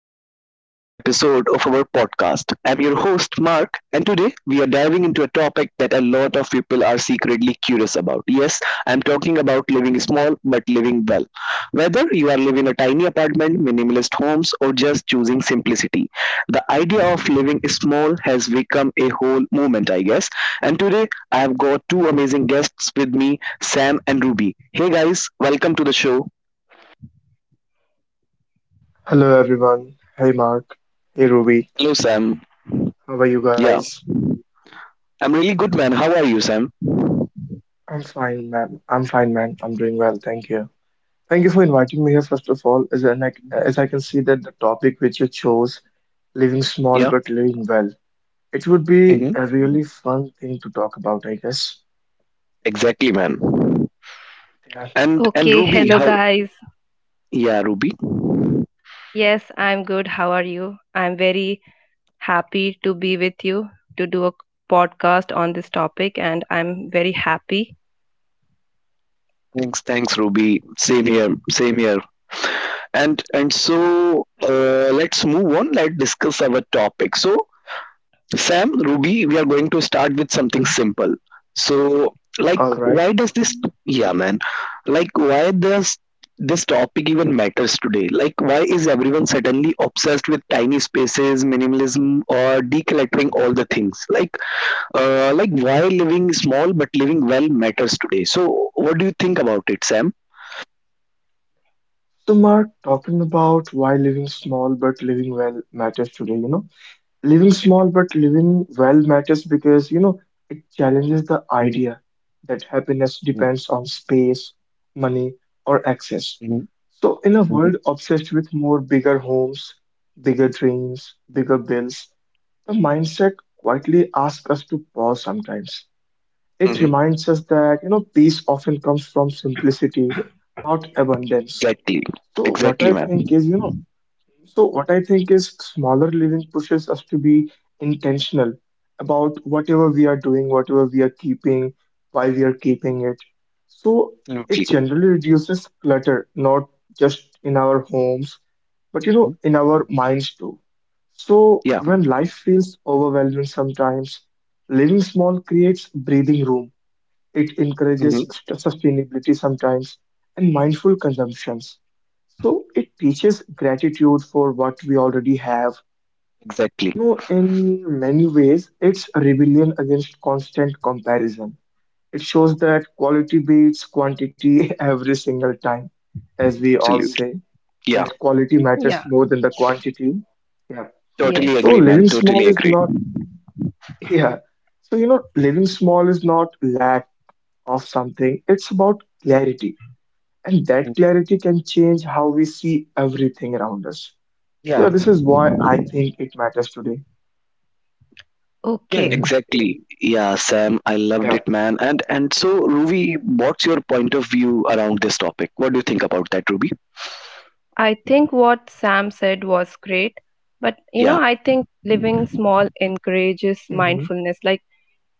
welcome back to another episode of our podcast. I'm your host, Mark, and today we are diving into a topic that a lot of people are secretly curious about. Yes, I'm talking about living small but living well. Whether you are living a tiny apartment, minimalist homes, or just choosing simplicity, the idea of living small has become a whole movement, I guess. And today I have got two amazing guests with me, Sam and Ruby. Hey, guys, welcome to the show. Hello everyone. Hey Mark. Hey Ruby. Hello, Sam. How are you Yeah. guys? I'm really good, man. How are you, Sam? I'm fine, ma'am. I'm fine, man. I'm doing well. Thank you. Thank you for inviting me here, first of all. As I can see that the topic which you chose, living small Yeah, but living well, it would be a really fun thing to talk about, I guess. exactly, man. Yeah. And Okay, Ruby, hello how? guys. Yeah, Ruby. Yes, I'm good. How are you? I'm very happy to be with you to do a podcast on this topic, and I'm very happy. Thanks, thanks, Ruby. Same here, same here. And so let's move on. Let's discuss our topic. So Sam, Ruby, we are going to start with something Mhm. simple. So, like, All right. why does this, yeah, man, like, why does this topic even matters today? Like, why is everyone suddenly obsessed with tiny spaces, minimalism, or decluttering all the things? Like, why Mhm. living small but living well matters today? So, what do you think about it, Sam? So, Mark, talking about why living small but living well matters today, you know. Living small but living well matters because, you know, it challenges the Mhm, idea that happiness mhm, depends on space, money, or access. mhm, So, in a mhm. world obsessed with more bigger homes, bigger dreams, bigger bills, the mindset quietly asks us to pause sometimes. It Hmm. reminds us that, you know, peace often comes from simplicity, not abundance. Exactly, So, what exactly, I man. think is, you know, so, what I think is smaller living pushes us to be intentional about whatever we are doing, whatever we are keeping, why we are keeping it. So, it Absolutely. generally reduces clutter, not just in our homes, but you know, in our minds too. So, Yeah, when life feels overwhelming sometimes, living small creates breathing room. It encourages sustainability sometimes and mindful consumptions. So it teaches gratitude for what we already have. exactly. You know, in many ways, it's a rebellion against constant comparison. It shows that quality beats quantity every single time, as we all Absolutely. say, Yeah, that quality matters Yeah, more than the quantity. Yeah. yes. totally So agree, man. living small Totally is agree. not, yeah. So, you know, living small is not lack of something, it's about clarity. And that Mhm. clarity can change how we see everything around us. So, Yeah, yeah, this is why I think it matters today. yeah, Okay, Hmm. exactly. Yeah, Sam, I loved Yeah. it, man. And so, Ruby, what's your point of view around this topic? What do you think about that, Ruby? I think what Sam said was great, but you Yeah. know, I think living small encourages mindfulness. Like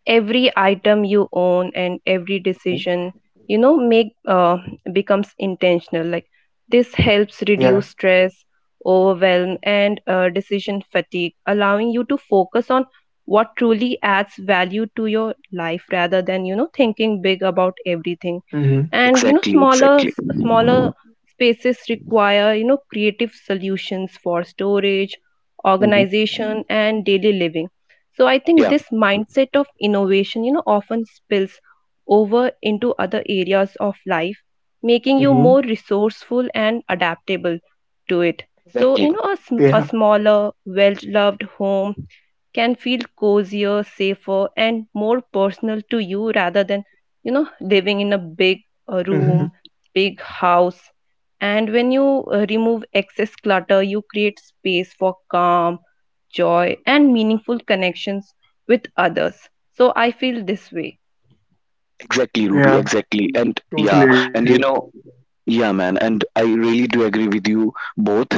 every item you own and every Mhm. decision make becomes intentional, like this helps reduce stress, overwhelm, and decision fatigue, allowing you to focus on what truly adds value to your life rather than, you know, thinking big about everything. And you know, Exactly, smaller exactly. smaller spaces require, you know, creative solutions for storage, Mhm. organization, and daily living. So I think Yeah, this mindset of innovation, you know, often spills over into other areas of life, making you more Hmm, resourceful and adaptable to it. So, you exactly. know, a yeah. smaller, well loved home can feel cozier, safer, and more personal to you rather than, you know, living in a big Hmm, hmm, yeah. room, big house. And when you remove excess clutter, you create space for calm, joy, and meaningful connections with others. So I feel this way. Exactly, Hmm, Ruby, yeah, exactly. And yeah, totally and agree. you know, yeah, man, and I really do agree with you both.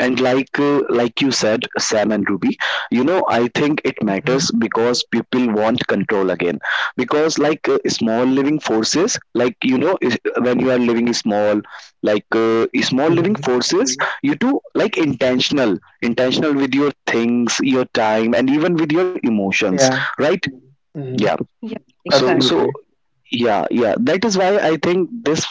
And like you said, Sam and Ruby, you know, I think it Hmm. matters because people want control again. Because small living forces, like you know, when you are living small, like uh, small living Hmm. forces, Mhm. you do like intentional, intentional with your things, your time, and even with your emotions, Yeah. right? Hmm, Yeah. Yeah, So exactly. so absolutely. yeah, yeah, that is why I think this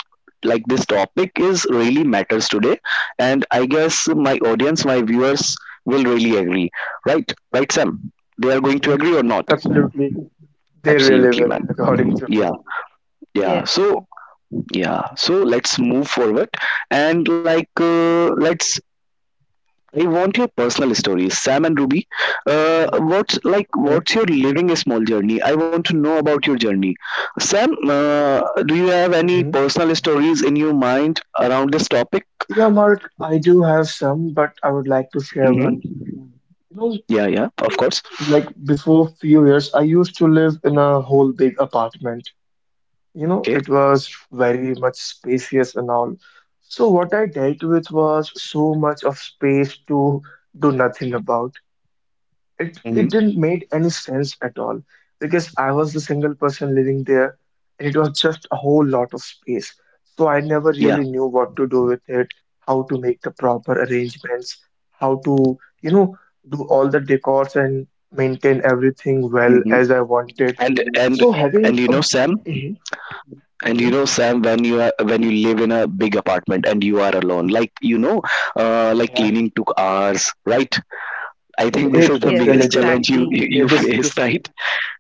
like this topic is really matters today, and I guess my audience, my viewers will really agree, right? Right, Sam? They are going to Hmm, agree or not? absolutely. They really Absolutely, will, man. according to Yeah. me. yeah Yes, yeah so yeah, so let's move forward, and like let's I want your personal stories, Sam and Ruby. Mm-hmm. What's like? Okay. What's your living a small journey? I want to know about your journey, Sam. Do you have any Hmm. personal stories in your mind around this topic? Yeah, Mark, I do have some, but I would like to share one. Mm-hmm. You know, Yeah, yeah, of course. like before few years, I used to live in a whole big apartment. You know, Okay. it was very much spacious and all. So what I dealt with was so much of space to do nothing about. It Mm-hmm. didn't make any sense at all because I was the single person living there and it was just a whole lot of space. So I never Yeah. really knew what to do with it, how to make the proper arrangements, how to, you know, do all the decors and maintain everything well Mm-hmm. as I wanted. And and So and having you a know, Sam. Mhm, And you mhm. know, Sam, when you are when you live in a big apartment and you are alone, like you know, like Yeah. cleaning took hours, right? I think this It is the it yes, really biggest did. challenge you exactly. you, Yeah, you this face, this right?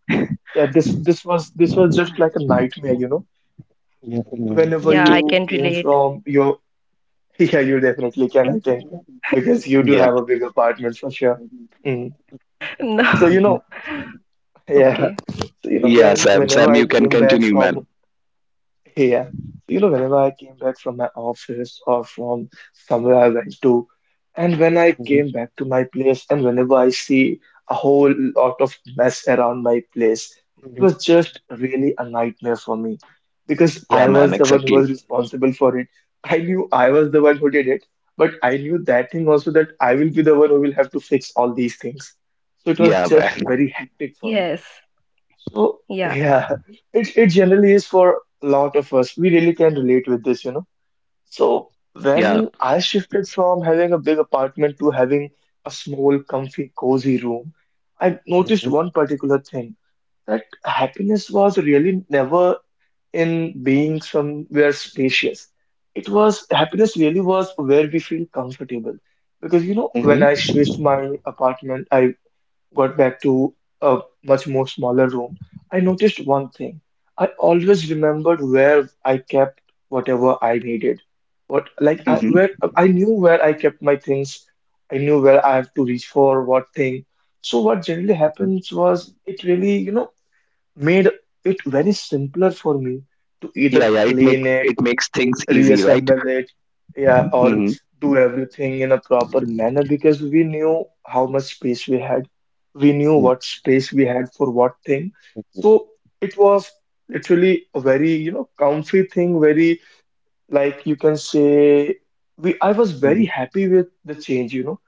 this was just Mhm. like a nightmare, you know. Whenever Yeah, I you can came relate. from your yeah, you definitely can, I think, because you do Yeah. have a big apartment for sure. Mm. No. So you Mhm. know, yeah. Okay. So you know, Yeah, when Sam. whenever Sam, I you can came back continue, from man. Yeah. So, you know, whenever I came back from my office or from somewhere I went to, and when I Mhm. came back to my place, and whenever I see a whole lot of mess around my place, it Mhm. was just really a nightmare for me because Yeah, I man. was the one who Exactly. was responsible for it. I knew I was the one who did it, but I knew that thing also that I will be the one who will have to fix all these things. So it was Yeah, just man. very hectic for me. Yes. So Yeah. yeah, it generally is for a lot of us. We really can relate with this, you know. So Yeah. when I shifted from having a big apartment to having a small, comfy, cozy room, I noticed one particular thing that happiness was really never in being somewhere spacious. It was happiness really was where we feel comfortable. Because you know, when Mm-hmm. I switched my apartment, I got back to a much more smaller room, I noticed one thing. I always remembered where I kept whatever I needed. What like I Mm-hmm. where I knew where I kept my things. I knew where I have to reach for what thing. So what generally happens was it really, you know, made it very simpler for me to either Yeah. It clean it makes things easy, right? reassemble it, yeah, or Mm-hmm. do everything in a proper manner because we knew how much space we had. We knew what space we had for what thing. So it was literally a very, you know, comfy thing, very like you can say we I was very happy with the change, you know,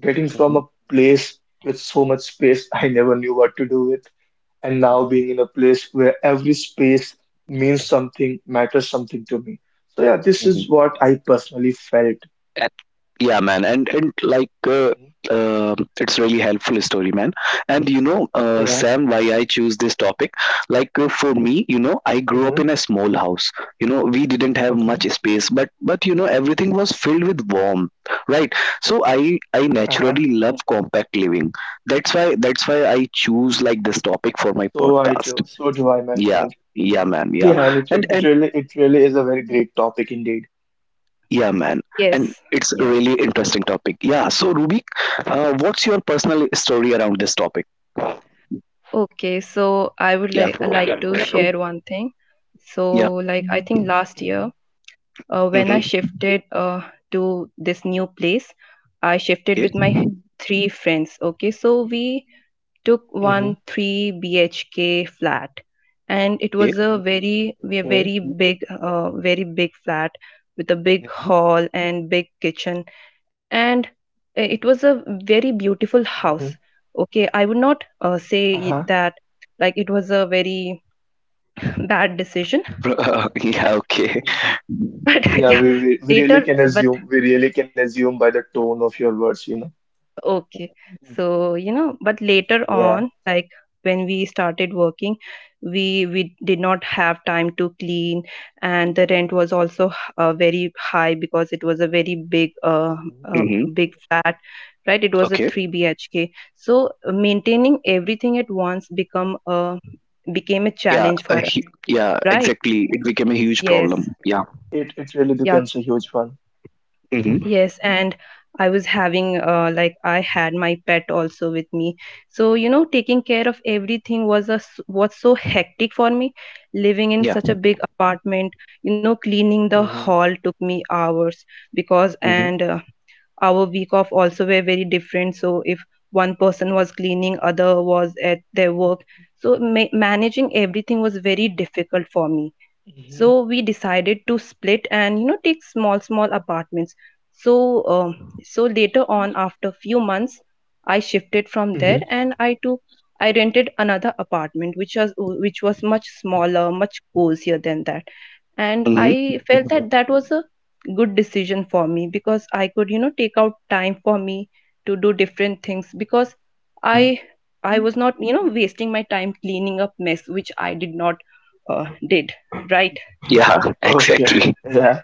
getting from a place with so much space I never knew what to do with and now being in a place where every space means something, matters something to me. So yeah, this Yeah. is what I personally felt. And, yeah, man, and Mhm. um it's really helpful story, man. And you know, Yeah. Sam, why I choose this topic? For me, you know, I grew up in Hmm. a small house. You know, we didn't have much Okay. space, but you know, everything was filled with warmth, right? So I Uh-huh. naturally love compact living. That's why I choose like this topic for my So I do. podcast. So do I, my Yeah, friend. Hmm. yeah, man, yeah. Yeah, and it, And it it and really it really is a very great topic indeed. yeah, man. And Yes. it's a Yeah. really interesting topic. Yeah. So, Rubik, what's your personal story around this topic? Okay. So I would Yeah. Like to share one thing. Yeah. So like I think last year, Hmm. When I Mm-hmm. shifted to this new place, I shifted with Okay. my three friends. Okay. So we took one Hmm. three BHK flat, and it Okay. was a very Okay. big very big flat with a big hall and big kitchen, and it was a very beautiful house. Hmm. Okay, I would not say Uh-huh. that like it was a very bad decision, Bro- yeah. Okay. Hmm. but Yeah, yeah, we really later, can but assume we really can assume by the tone of your words, you know. okay. So, you know, but later Yeah. on, like when we started working, we did not have time to clean, and the rent was also very high because it was a very big Hmm. Mm-hmm. big flat, right? It was a Okay. three BHK. So maintaining everything at once, become became a Yeah. challenge for A us, hu yeah. right? Exactly. It became a huge Yes. problem. Yeah. It really becomes Yeah. a huge one. Mm-hmm. Yes, and I was having like I had my pet also with me. So, you know, taking care of everything was was so hectic for me. Living in Yeah. such a big apartment, you know, cleaning the Hmm. hall took me hours because. Mm-hmm. And our week off also were very different. So, if one person was cleaning, other was at their work. So, managing everything was very difficult for me, Hmm. so we decided to split and, you know, take small small apartments. So so later on, after few months, I shifted from Hmm. there, and I rented another apartment, which was much smaller, much cozier than that, and I Mm-hmm. felt that that was a good decision for me because I could, you know, take out time for me to do different things, because i I was not, you know, wasting my time cleaning up mess which I did not, did right? Yeah. Okay, Exactly. yeah,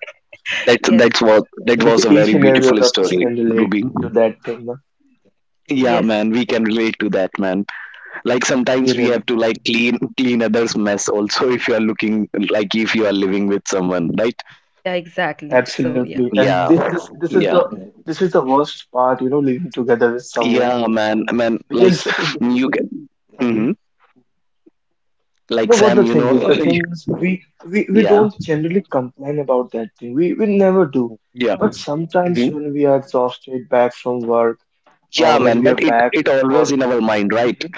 That Yes. that's what that was a each very and every one beautiful of us story, can relate Ruby. to that thing, no? Yeah, Yes. man. We can Mhm. relate to that, man. Like We sometimes we really have to can. like clean others mess also if you are looking, like if you are living with someone, right? Yeah, exactly. So yeah, Absolutely. Yeah, And this is yeah. the this is the worst part, you know, living together with someone. Yeah, man, like Because you get, Mhm. hmm, like you know what Sam, the you know. thing is? The thing is we Yeah, don't generally complain about that thing. We never do. yeah, But sometimes when we are exhausted back from work yeah, or when man, we but are it back it always for in our mind, right? Mhm.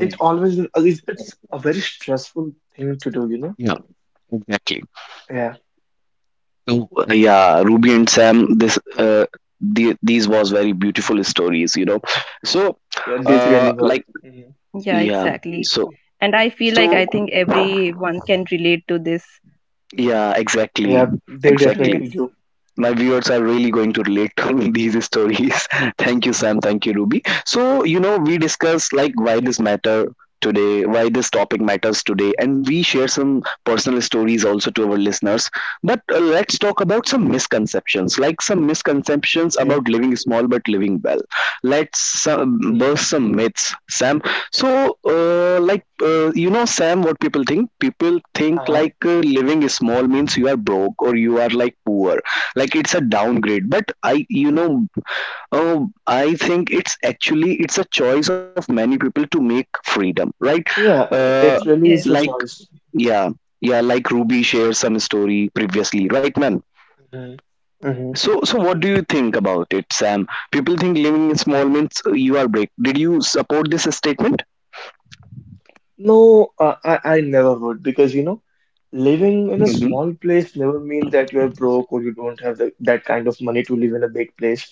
it always it's a very stressful thing to do, you know? Yeah. Yeah, Ruby and Sam, these was very beautiful stories, you know. So Yeah, they uh really were. like Mhm. yeah, yeah exactly. so And I feel like so I think everyone can relate to this. yeah, exactly, Yeah, they exactly. definitely Yes. do. My viewers are really going Mhm. to relate to these stories. Thank you, Sam. Thank you, Ruby. So, you know, we discussed like Okay. Why this topic matters today, Mhm. and we share some personal stories also to our listeners. But let's talk about some misconceptions, like some misconceptions Okay. about living small but living well. Let's Mhm. burst some myths, Sam. So, Okay. You know, Sam, what people think? People think Uh-huh. Living small means you are broke or you are like poor, like it's a downgrade, but I you know, uh, I think it's actually it's a choice of many people to make freedom, right? Yeah, uh, it really is like a Yes. choice. yeah yeah like Ruby shared some story previously, right, man? Mhm. Mhm. So what do you think about it, Sam? People think living in small means you are break, did you support this statement? No, I never would because you know, living in a Mhm. small place never means that you're broke or you don't have the, that kind of money to live in a big place.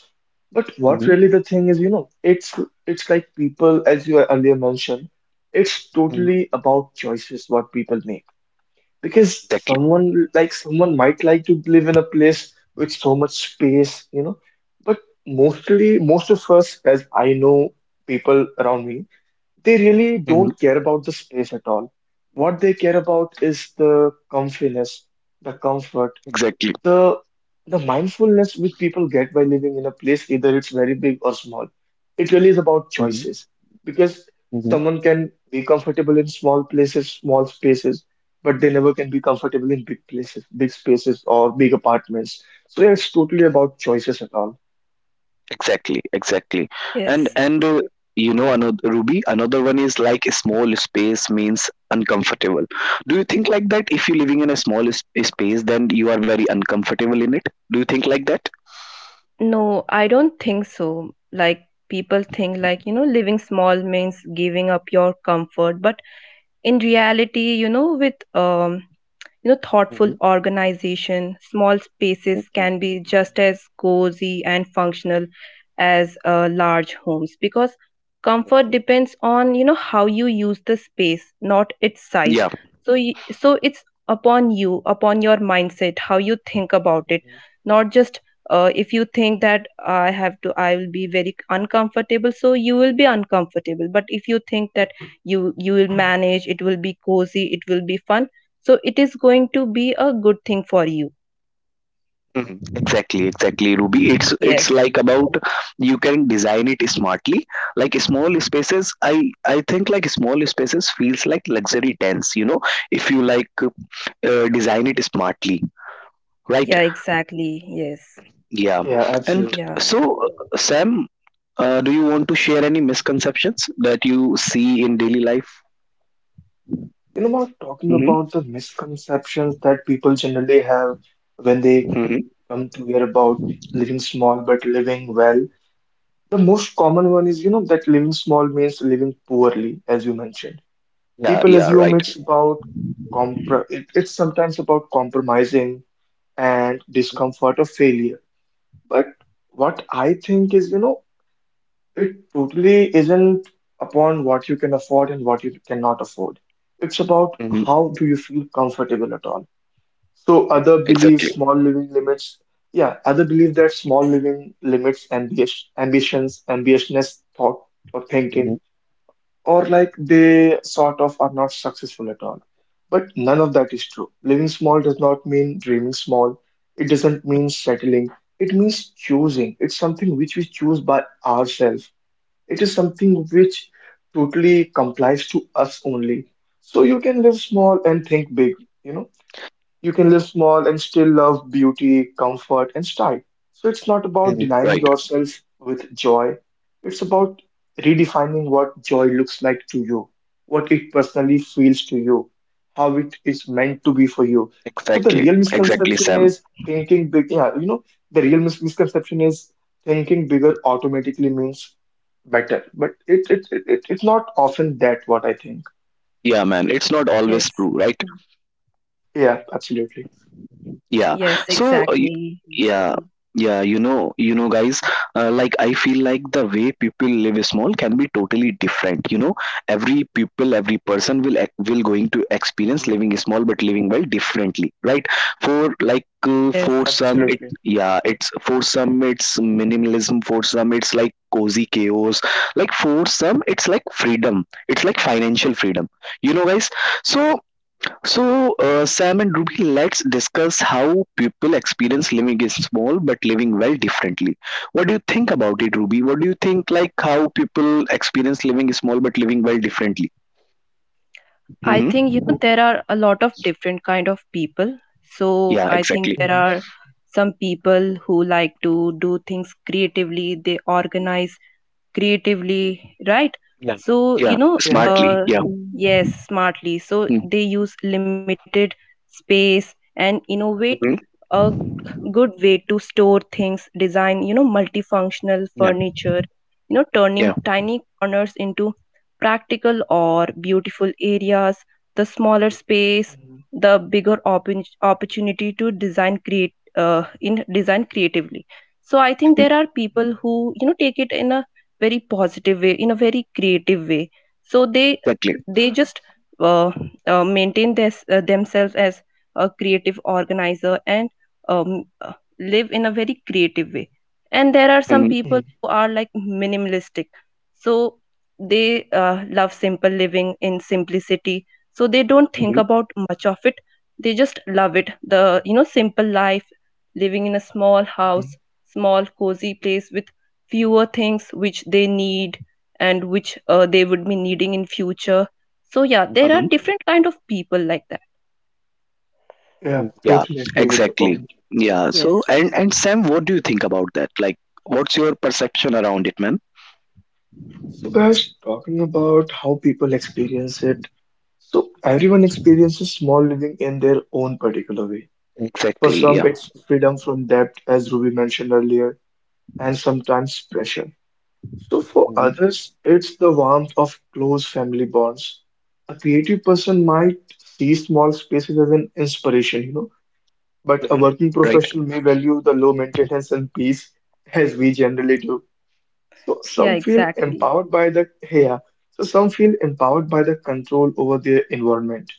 But what really the thing is, you know, it's like people, as you earlier mentioned, it's Mhm. totally about choices what people make. Because Exactly, someone like someone might like to live in a place with so much space, you know. But mostly, most of us, as I know people around me, they really don't care about the space at all. What they care about is the comfiness, the comfort, exactly. the mindfulness which people get by living in a place, either it's very big or small, it really is about choices. Because someone can be comfortable in small places, small spaces, but they never can be comfortable in big places, big spaces, or big apartments. So yeah, it's totally about choices and all. Exactly, exactly. And Yes. Mhm. and uh, you know another, Ruby, another one is like a small space means uncomfortable. Do you think like that? If you're living in a space, then you are very uncomfortable in it. Do you think like that? No, I don't think so. Like people think like, you know, living small means giving up your comfort, but in reality, you know, with you know, thoughtful organization, small spaces can be just Mhm. as cozy and functional as large homes, because comfort depends on, you know, how you use the space, not its size. Yeah. So it's upon you, upon your mindset, how you think about it. Mhm. Not just if you think that I have to I will be very uncomfortable, so you will be uncomfortable. But if you think that you will manage, it will be cozy, it will be fun, so it is going to be a good thing for you. Exactly, exactly, Ruby. Yes. It's like about you can design it smartly. Like small spaces, I think like small spaces feels like luxury tents. You know, if you design it smartly, right? Yeah, exactly. Yes. Yeah. Yeah, And Yeah. absolutely. so, Sam, do you want to share any Mhm. misconceptions that you see in daily life? You know, Mark, talking Hmm. about the misconceptions that people generally have when they come to hear about living small but living well. The most common one is, you know, that living small means living poorly, as you mentioned. Yeah, People yeah, assume right. it's about compr it, it's sometimes about compromising and discomfort of failure. But what I think is, you know, it totally isn't upon what you can afford and what you cannot afford. It's about how do you feel comfortable at all. So other believe Exactly, small living limits. Yeah, other believe that small living limits ambition, ambitions, ambitiousness, thought or thinking, or like they sort of are not successful at all. But none of that is true. Living small does not mean dreaming small. It doesn't mean settling. It means choosing. It's something which we choose by ourselves. It is something which totally complies to us only. So you can live small and think big, you know. You can live small and still love beauty, comfort, and style. So it's not about denying right. yourself with joy. It's about redefining what joy looks like to you, what it personally feels to you, how it is meant to be for you. So the real Exactly, exactly, misconception Sam. is thinking big. Yeah, you know, the real misconception is thinking bigger automatically means better. But it's not often that what I think. Yeah, man. It's not always true, Yes. right? Yeah, absolutely. yeah Yes, so uh, y- exactly. yeah yeah, you know, you know, guys, like I feel like the way people live small can be totally different, you know. Every person will going to experience Hmm. living small but living well differently, right? For for Yes. some Mm, it Absolutely. yeah, it's for some it's minimalism, for some it's like cozy chaos, like for some it's like freedom, it's like financial freedom, you know, guys. So so, uh, Sam and Ruby, let's discuss how people experience living is small but living well differently. What do you think about it, Ruby? What do you think, like, how people experience living is small but living well differently? I think you Mm-hmm. know, there are a lot of different kind of people. So Yeah, I think exactly. there Mhm. are some people who like to do things creatively, they organize creatively, right? So you Yeah, know Mhm. smartly. Yeah. yes, smartly. So they use limited space and innovate Mm-hmm. uh good way to store things, design, you know, multifunctional furniture, you know, turning Yeah, tiny corners into practical or beautiful areas. The smaller space, Mhm. the bigger opportunity to design create in design creatively. So I think there are Mhm. people who, you know, take it in a very positive way, in a very creative way. So exactly. they just uh, maintain this, themselves as a creative organizer, and um, uh, live in a very creative way. And there are some people mhm, who are like minimalistic, so they love simple living, in simplicity. So they don't think about much of it, they just love it, the, you know, simple life, living in a small mhm. house, small cozy place with fewer things which they need and which they would be needing in future. So yeah, there are different kind of people like that. Yeah, Yeah, totally agree with the exactly. point. Yeah. So, Yes. And Mhm. Sam, what do you think about that? Like, what's your perception around it, man? So, guys, talking about how people experience it. So, everyone experiences small living in their own particular way. For Exactly. some, Yeah. it's freedom from debt, as Ruby mentioned earlier, and sometimes pressure. So, for others, it's the warmth of close family bonds. A creative person might see small spaces as an inspiration, you know, but a working Right. professional may value the low maintenance and peace as we generally do. So Yeah, some feel exactly. empowered by the yeah, so some feel empowered by the control over their environment.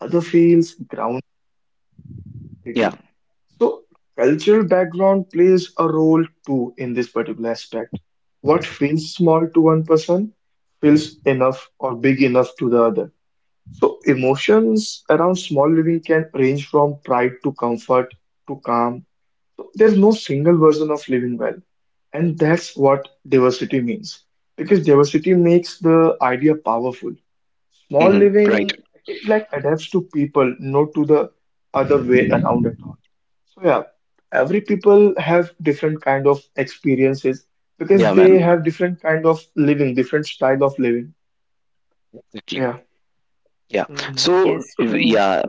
Other feels grounded. Yeah. So cultural background plays a role too in this particular aspect. What feels small to one person feels enough or big enough to the other. So emotions around small living can range from pride to comfort to calm. There's no single version of living well, and that's what diversity means. Because diversity makes the idea powerful. Small Right. living, it like adapts to people, not to the other way around at all. So yeah, every people have different kind of experiences because Yeah, man. they have different kind of living, different style of living. Yeah. Yeah. Mhm. So Yes, w- true. yeah,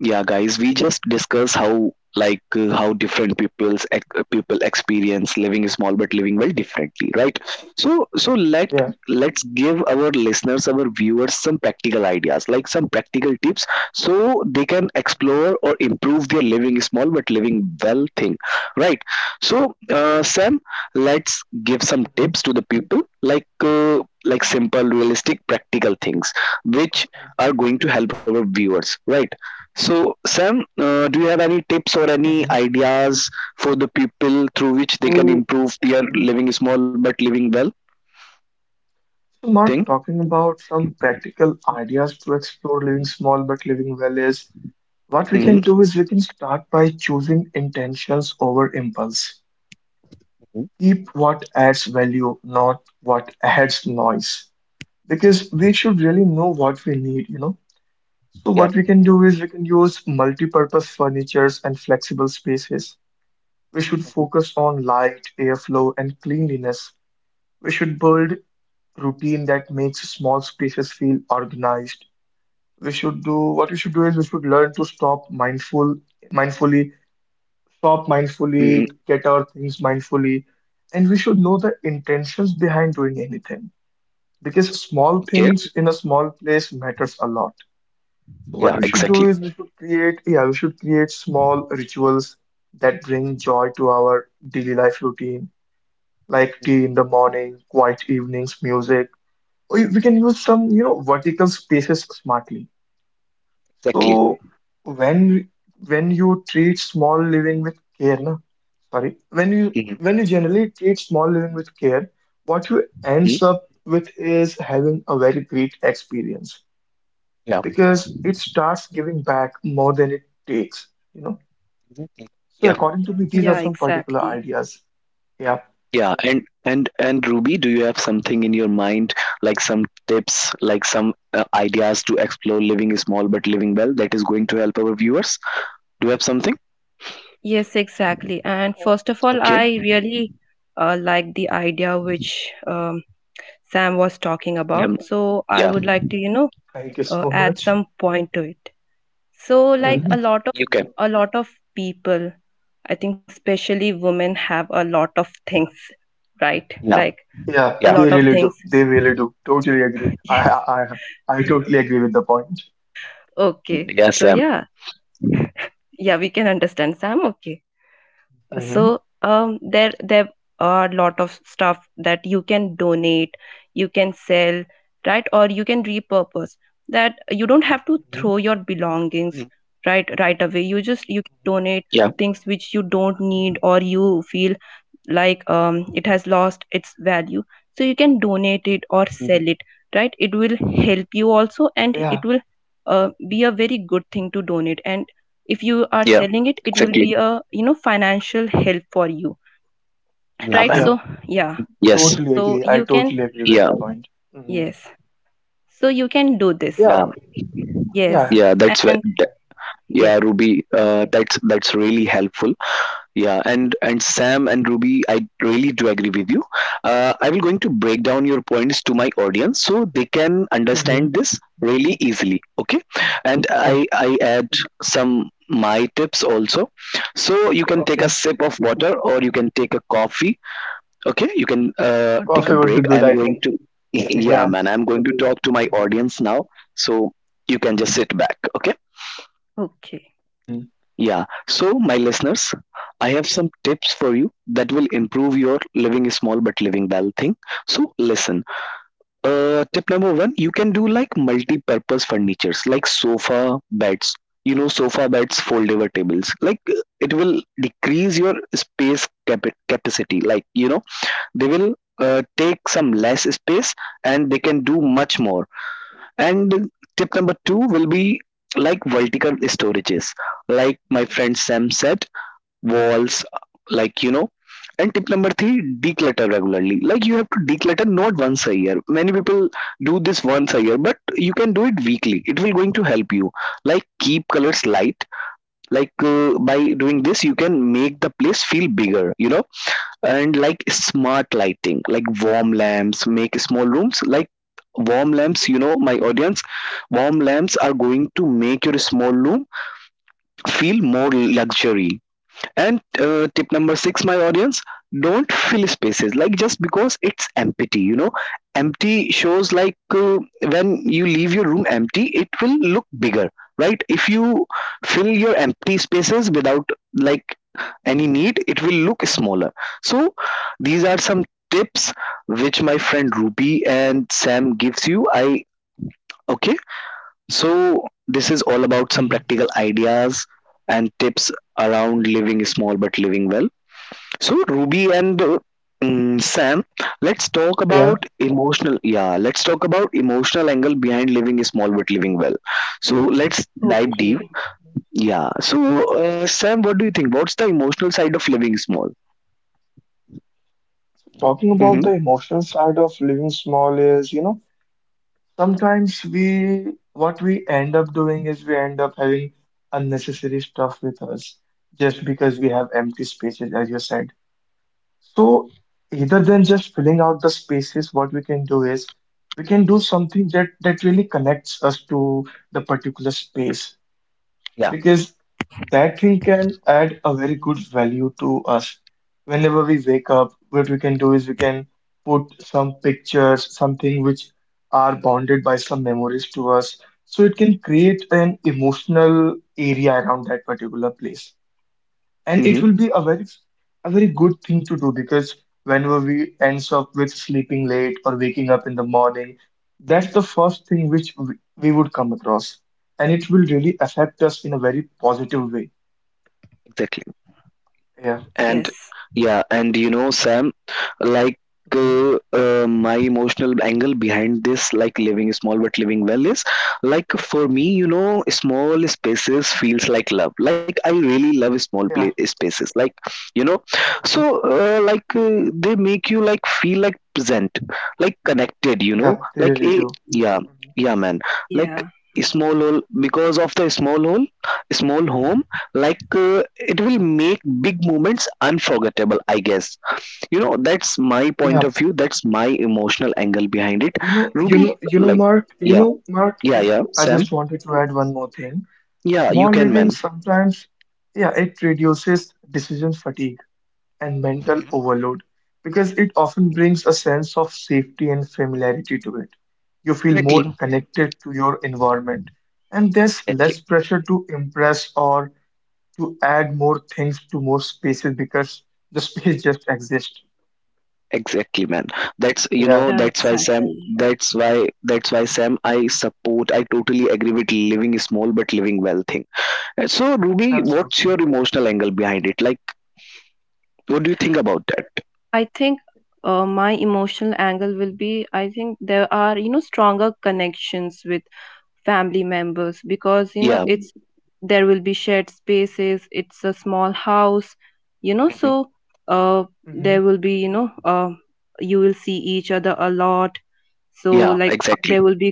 yeah, guys, we just discuss how how different people experience living small but living well differently, right? So so Mhm. let Yeah. let's give our listeners, our viewers, some practical ideas, like some practical tips, so they can Mhm. explore or improve their living small but living well thing, right? So Sam, let's give some Mhm. tips to the people, like simple, realistic, practical things which Okay. are going to Okay. help our viewers, right? So, Sam, do you have any tips or any Mhm. ideas for the people through which they can So. improve their Mm-hmm. living small but living well So, Mark, thing? talking about some practical ideas to explore living small but living well is what we can Hmm. do is we can start by choosing intentions over impulse. Keep what adds value, not what adds noise. Because we should really know what we need. So what we can do is we can use multi-purpose furnitures and flexible spaces. We should focus on light, airflow, and cleanliness. We should build routine that makes small spaces feel organized. We should do what we should do is we should learn to stop mindful mindfully stop mindfully get our things mindfully, and we should know the intentions behind doing anything because small Okay. things in a small place matters a lot. So what Yeah, we should do exactly. is we should create, yeah, we should create small rituals that bring joy to our daily life routine, like tea in the morning, quiet evenings, music, or we can use some vertical spaces smartly. So when when you treat small living with care, na, sorry, when you generally treat small living with care, what you ends up with is having a very great experience because it starts giving back more than it takes, you know. So Yeah, according to me, these are Yeah, some particular exactly. ideas. Yeah. yeah. And Ruby, do you have something in your mind, like some tips, like some ideas to explore living small but living well that is going to help our viewers? Do you have something? Yes, exactly. And first of all, I Okay. really like the idea which Sam was talking Mhm. about. Um, So I yeah, would like to, you know, Thank you so add much. some point to it. So like Mhm. You can. a lot of people, I think especially women, have a lot of things, right? Like Yeah, a lot Yeah, they of really things. do. They really do. Totally agree. I Yes. I I I totally agree with the point. Okay. So yes, Sam. yeah, yeah, we can understand, Sam. Okay. Hmm. So there are a lot of stuff that you can donate, you can sell, right? Or you can repurpose. That You don't have to Hmm. throw your belongings right right away. You Yeah, just, you can donate things which you don't need or you feel like it has lost its value. So you can donate it or Hmm. sell it, right? It will help you also, and Yeah, it will be a very good thing to donate. And if you are yeah, selling it, it will exactly. be a, you know, financial help for you, Yeah, right? ma'am. yeah, So yeah, Yes. totally so agree. I you can. totally agree with Yeah. the point. Hmm. Yes, so you can do this. Yeah, Yeah. Yes. yeah. Yeah. That's where. And th- yes. Yeah, Ruby. That's really helpful. Yeah. And Sam and Ruby, I really do agree with you. I will going to break down your points to my audience so they can Hmm. understand this really easily. Okay. And Sure. I add some my tips also. So you can take a Okay. sip of water or you can take a coffee. Okay, you can take a Coffee would be break. good, I'm I going think. to, yeah, Yeah. man, I'm going to talk to my Hmm. audience now. So you can Sure. just sit back. Okay. Okay. Hmm. Yeah. So, my listeners, I have some tips for you that will improve your living small but living well thing. So, listen. Tip number one, you can do like multi purpose furnitures like sofa beds. You know, sofa beds, foldable tables. Like, it will decrease your capacity. Like, you know, they will take some less space and they can do much more. And tip number two will be like vertical storages, like my friend Sam said, walls, like you know. And tip number three, declutter regularly. Like you have to declutter not once a year. Many people do this once a year, but you can do it weekly. It will going to help you. Like keep colors light. Like by doing this, you can make the place feel bigger. And like smart lighting, like warm lamps make small rooms like warm lamps, you know, my audience, warm lamps are going to make your small room feel more luxury. And tip number six, my audience, don't fill spaces like just because it's empty. You know, empty shows like when you leave your room empty, it will look bigger, right? If you fill your empty spaces without like any need, it will look smaller. So these are some tips which my friend Ruby and Sam gives you. I Okay. So this is all about some Hmm. practical ideas and tips around living small but living well. So Ruby and Sam, let's talk Yeah. about emotional. Yeah, let's talk about emotional angle behind living small but living well. So Hmm. let's dive deep. Okay. Yeah. So Sam, what do you think? What's the emotional side of living small? Talking about the emotional side of living small is, you know, sometimes we, what we end up doing is we end up having unnecessary stuff with us just because we have empty spaces, as you said. So either than just filling out the spaces, what we can do is we can do something that really connects us to the particular space because that thing can add a very good value to us. Whenever we wake up, what we can do is we can put some pictures, something which are bonded by some memories to us. So it can create an emotional area around that particular place, and it will be a very good thing to do because whenever we ends up with sleeping late or waking up in the morning, that's the first thing which we would come across, and it will really affect us in a very positive way. Exactly. Yeah. And Yes. yeah, and you know Sam, like Mhm. My emotional angle behind this, like living small but living well, is like, for me, you know, small spaces feels like love, like I really love small pla Yeah. spaces, like, you know. So Mhm. Like they make you like feel like present, like connected, you know, Yeah, they like really a do. yeah. Mhm. Yeah, man, like Yeah. small hole, because of the small home, like it will Mhm. make big moments unforgettable, I guess. You know, that's my point yeah of view, that's my emotional angle behind it. you know you Ruby, know you know like, Mark, yeah. Mark, Yeah, Yeah. yeah, I Sam, just wanted to add one more thing. yeah, you Small can, living man. sometimes, yeah, it reduces decision fatigue and mental overload because it often brings a sense of safety and familiarity to it. You feel more Exactly. connected to your environment, and there's less pressure to impress or to add more things to more spaces because the space just exists. Exactly, man, that's, you Yeah, know, Yeah. that's why Sam, Exactly. that's why mhm, Sam, I support, I totally agree with living small but living well thing. So Ruby, what's your absolutely. emotional angle behind it, like what do you think about that? I think, my emotional angle will be, I think there are, you know, stronger connections with family members because, you know, Yeah, it's, there will be shared spaces, it's a small house, you know. So uh, Hmm. there will be, you know, you will see each other a lot. So, yeah, like, exactly. there will be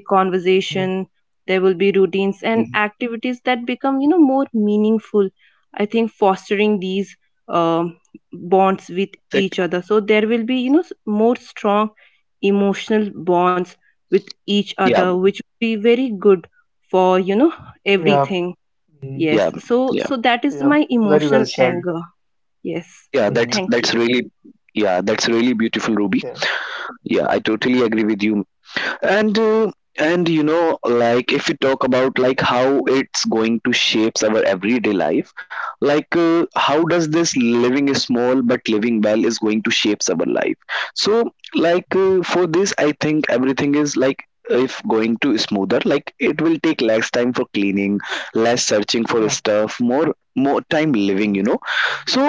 Hmm. conversation, there will be routines and activities that become, you know, more meaningful. I think fostering these. Um, bonds with Exactly, each other, so there will be, you know, more strong emotional bonds with each yeah, other, which will be very good for, you know, Yeah, everything. mhm, Yes, so yeah. so that is yeah, my very well emotional said. anger. Yes. Yeah, Hmm. that's Thank you. that's really. Yeah, that's really beautiful, Ruby. Yeah. Yeah, I totally agree with you, and uh, and you know, like if we talk about like how it's going to shapes our everyday life, like how does Mm-hmm. this living small but living well is going to shapes our life? So like for this I think everything is like if going to smoother, like it will take less time for cleaning, less searching for Yeah. stuff, more time living, you know. So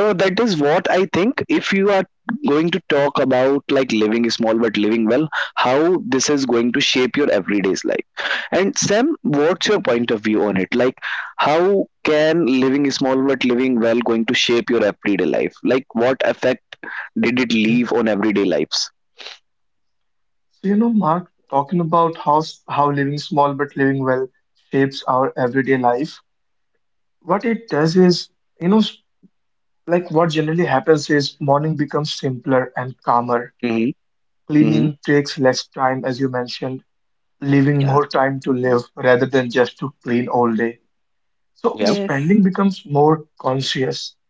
that is what I think if you are going to talk about like living small but living well, how this is going to shape your everyday's life. And Sam, what's your point of view on it, like how can living small but living well going to shape your everyday life, like what effect did it Mhm. leave on everyday lives? So, you know, Mark, talking about how how living small but living well shapes our everyday life, what it does is, you know, like what generally happens is morning becomes simpler and calmer. Mm-hmm. Cleaning takes less time, as you mentioned, leaving Yeah. more time to live rather than just to clean all day. So Yeah. Yes. spending becomes more conscious.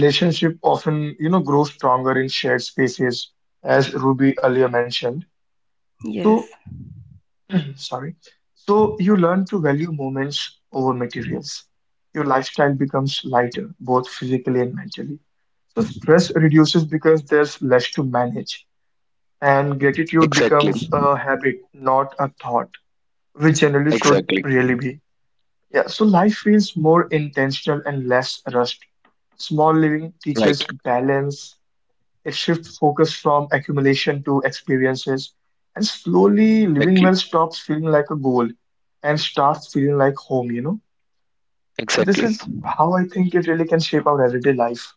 Relationship often, you know, grows stronger in shared spaces, as Ruby earlier mentioned. Yes. So Sorry. So you learn to value moments over materials. Your lifestyle becomes lighter, both physically and mentally. So stress reduces because there's less to manage, and gratitude Exactly. becomes a habit, not a thought, which generally should Exactly. really be. Yeah, so life feels more intentional and less rushed. Small living Right. teaches balance, it shifts focus from accumulation to experiences, and slowly living well Exactly. stops feeling like a goal and starts feeling like home, you know? So this Exactly. is how I think it really can shape our everyday life.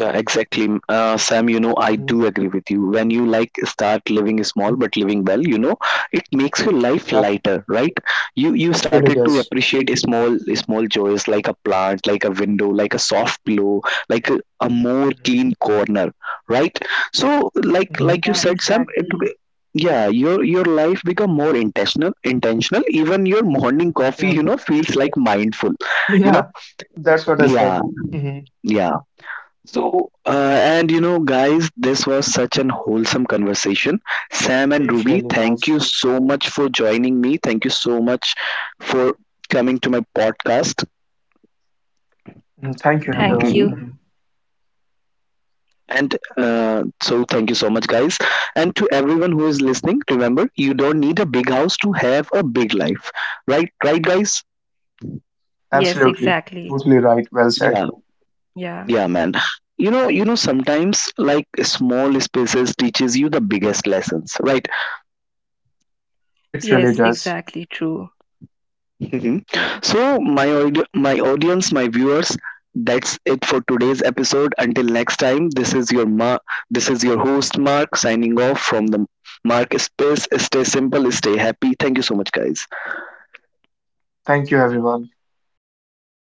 Yeah, exactly. Sam, you know, I do Hmm. agree with you. When you like start living small Hmm. but living well, you know, it makes your life Yep, lighter, right? You it really started to does. appreciate small joys, like a plant, like a window, like a soft pillow, like a more Hmm. clean corner, right? So like Hmm. like Yeah, you said, Sam, exactly. Yeah, your life become more intentional. Even your morning coffee, Yep. you know, feels like mindful, you know? Yeah, that's what I Yeah, said. Hmm. yeah. So, and you know, guys, this was such an wholesome conversation. Sam and It Ruby, really thank you was. so much for joining me. Thank you so much for coming to my podcast. Mhm. Thank you, Thank Mhm. everyone. you. Mhm. And so, thank you so much, guys. And to everyone who is listening, remember, you don't need a big house to have a big life, right? Right, guys? Yes, Absolutely. exactly. Totally right. Well said. Yeah. Yeah, man. Sometimes like small spaces teaches you the biggest lessons, right? It Yes, really does. exactly, true. Yeah. So, my audience, my viewers, that's it for today's episode. Until next time, this is your this is your host Mark signing off from the Mark Space. Stay simple, stay happy. Thank you so much, guys. Thank you, everyone.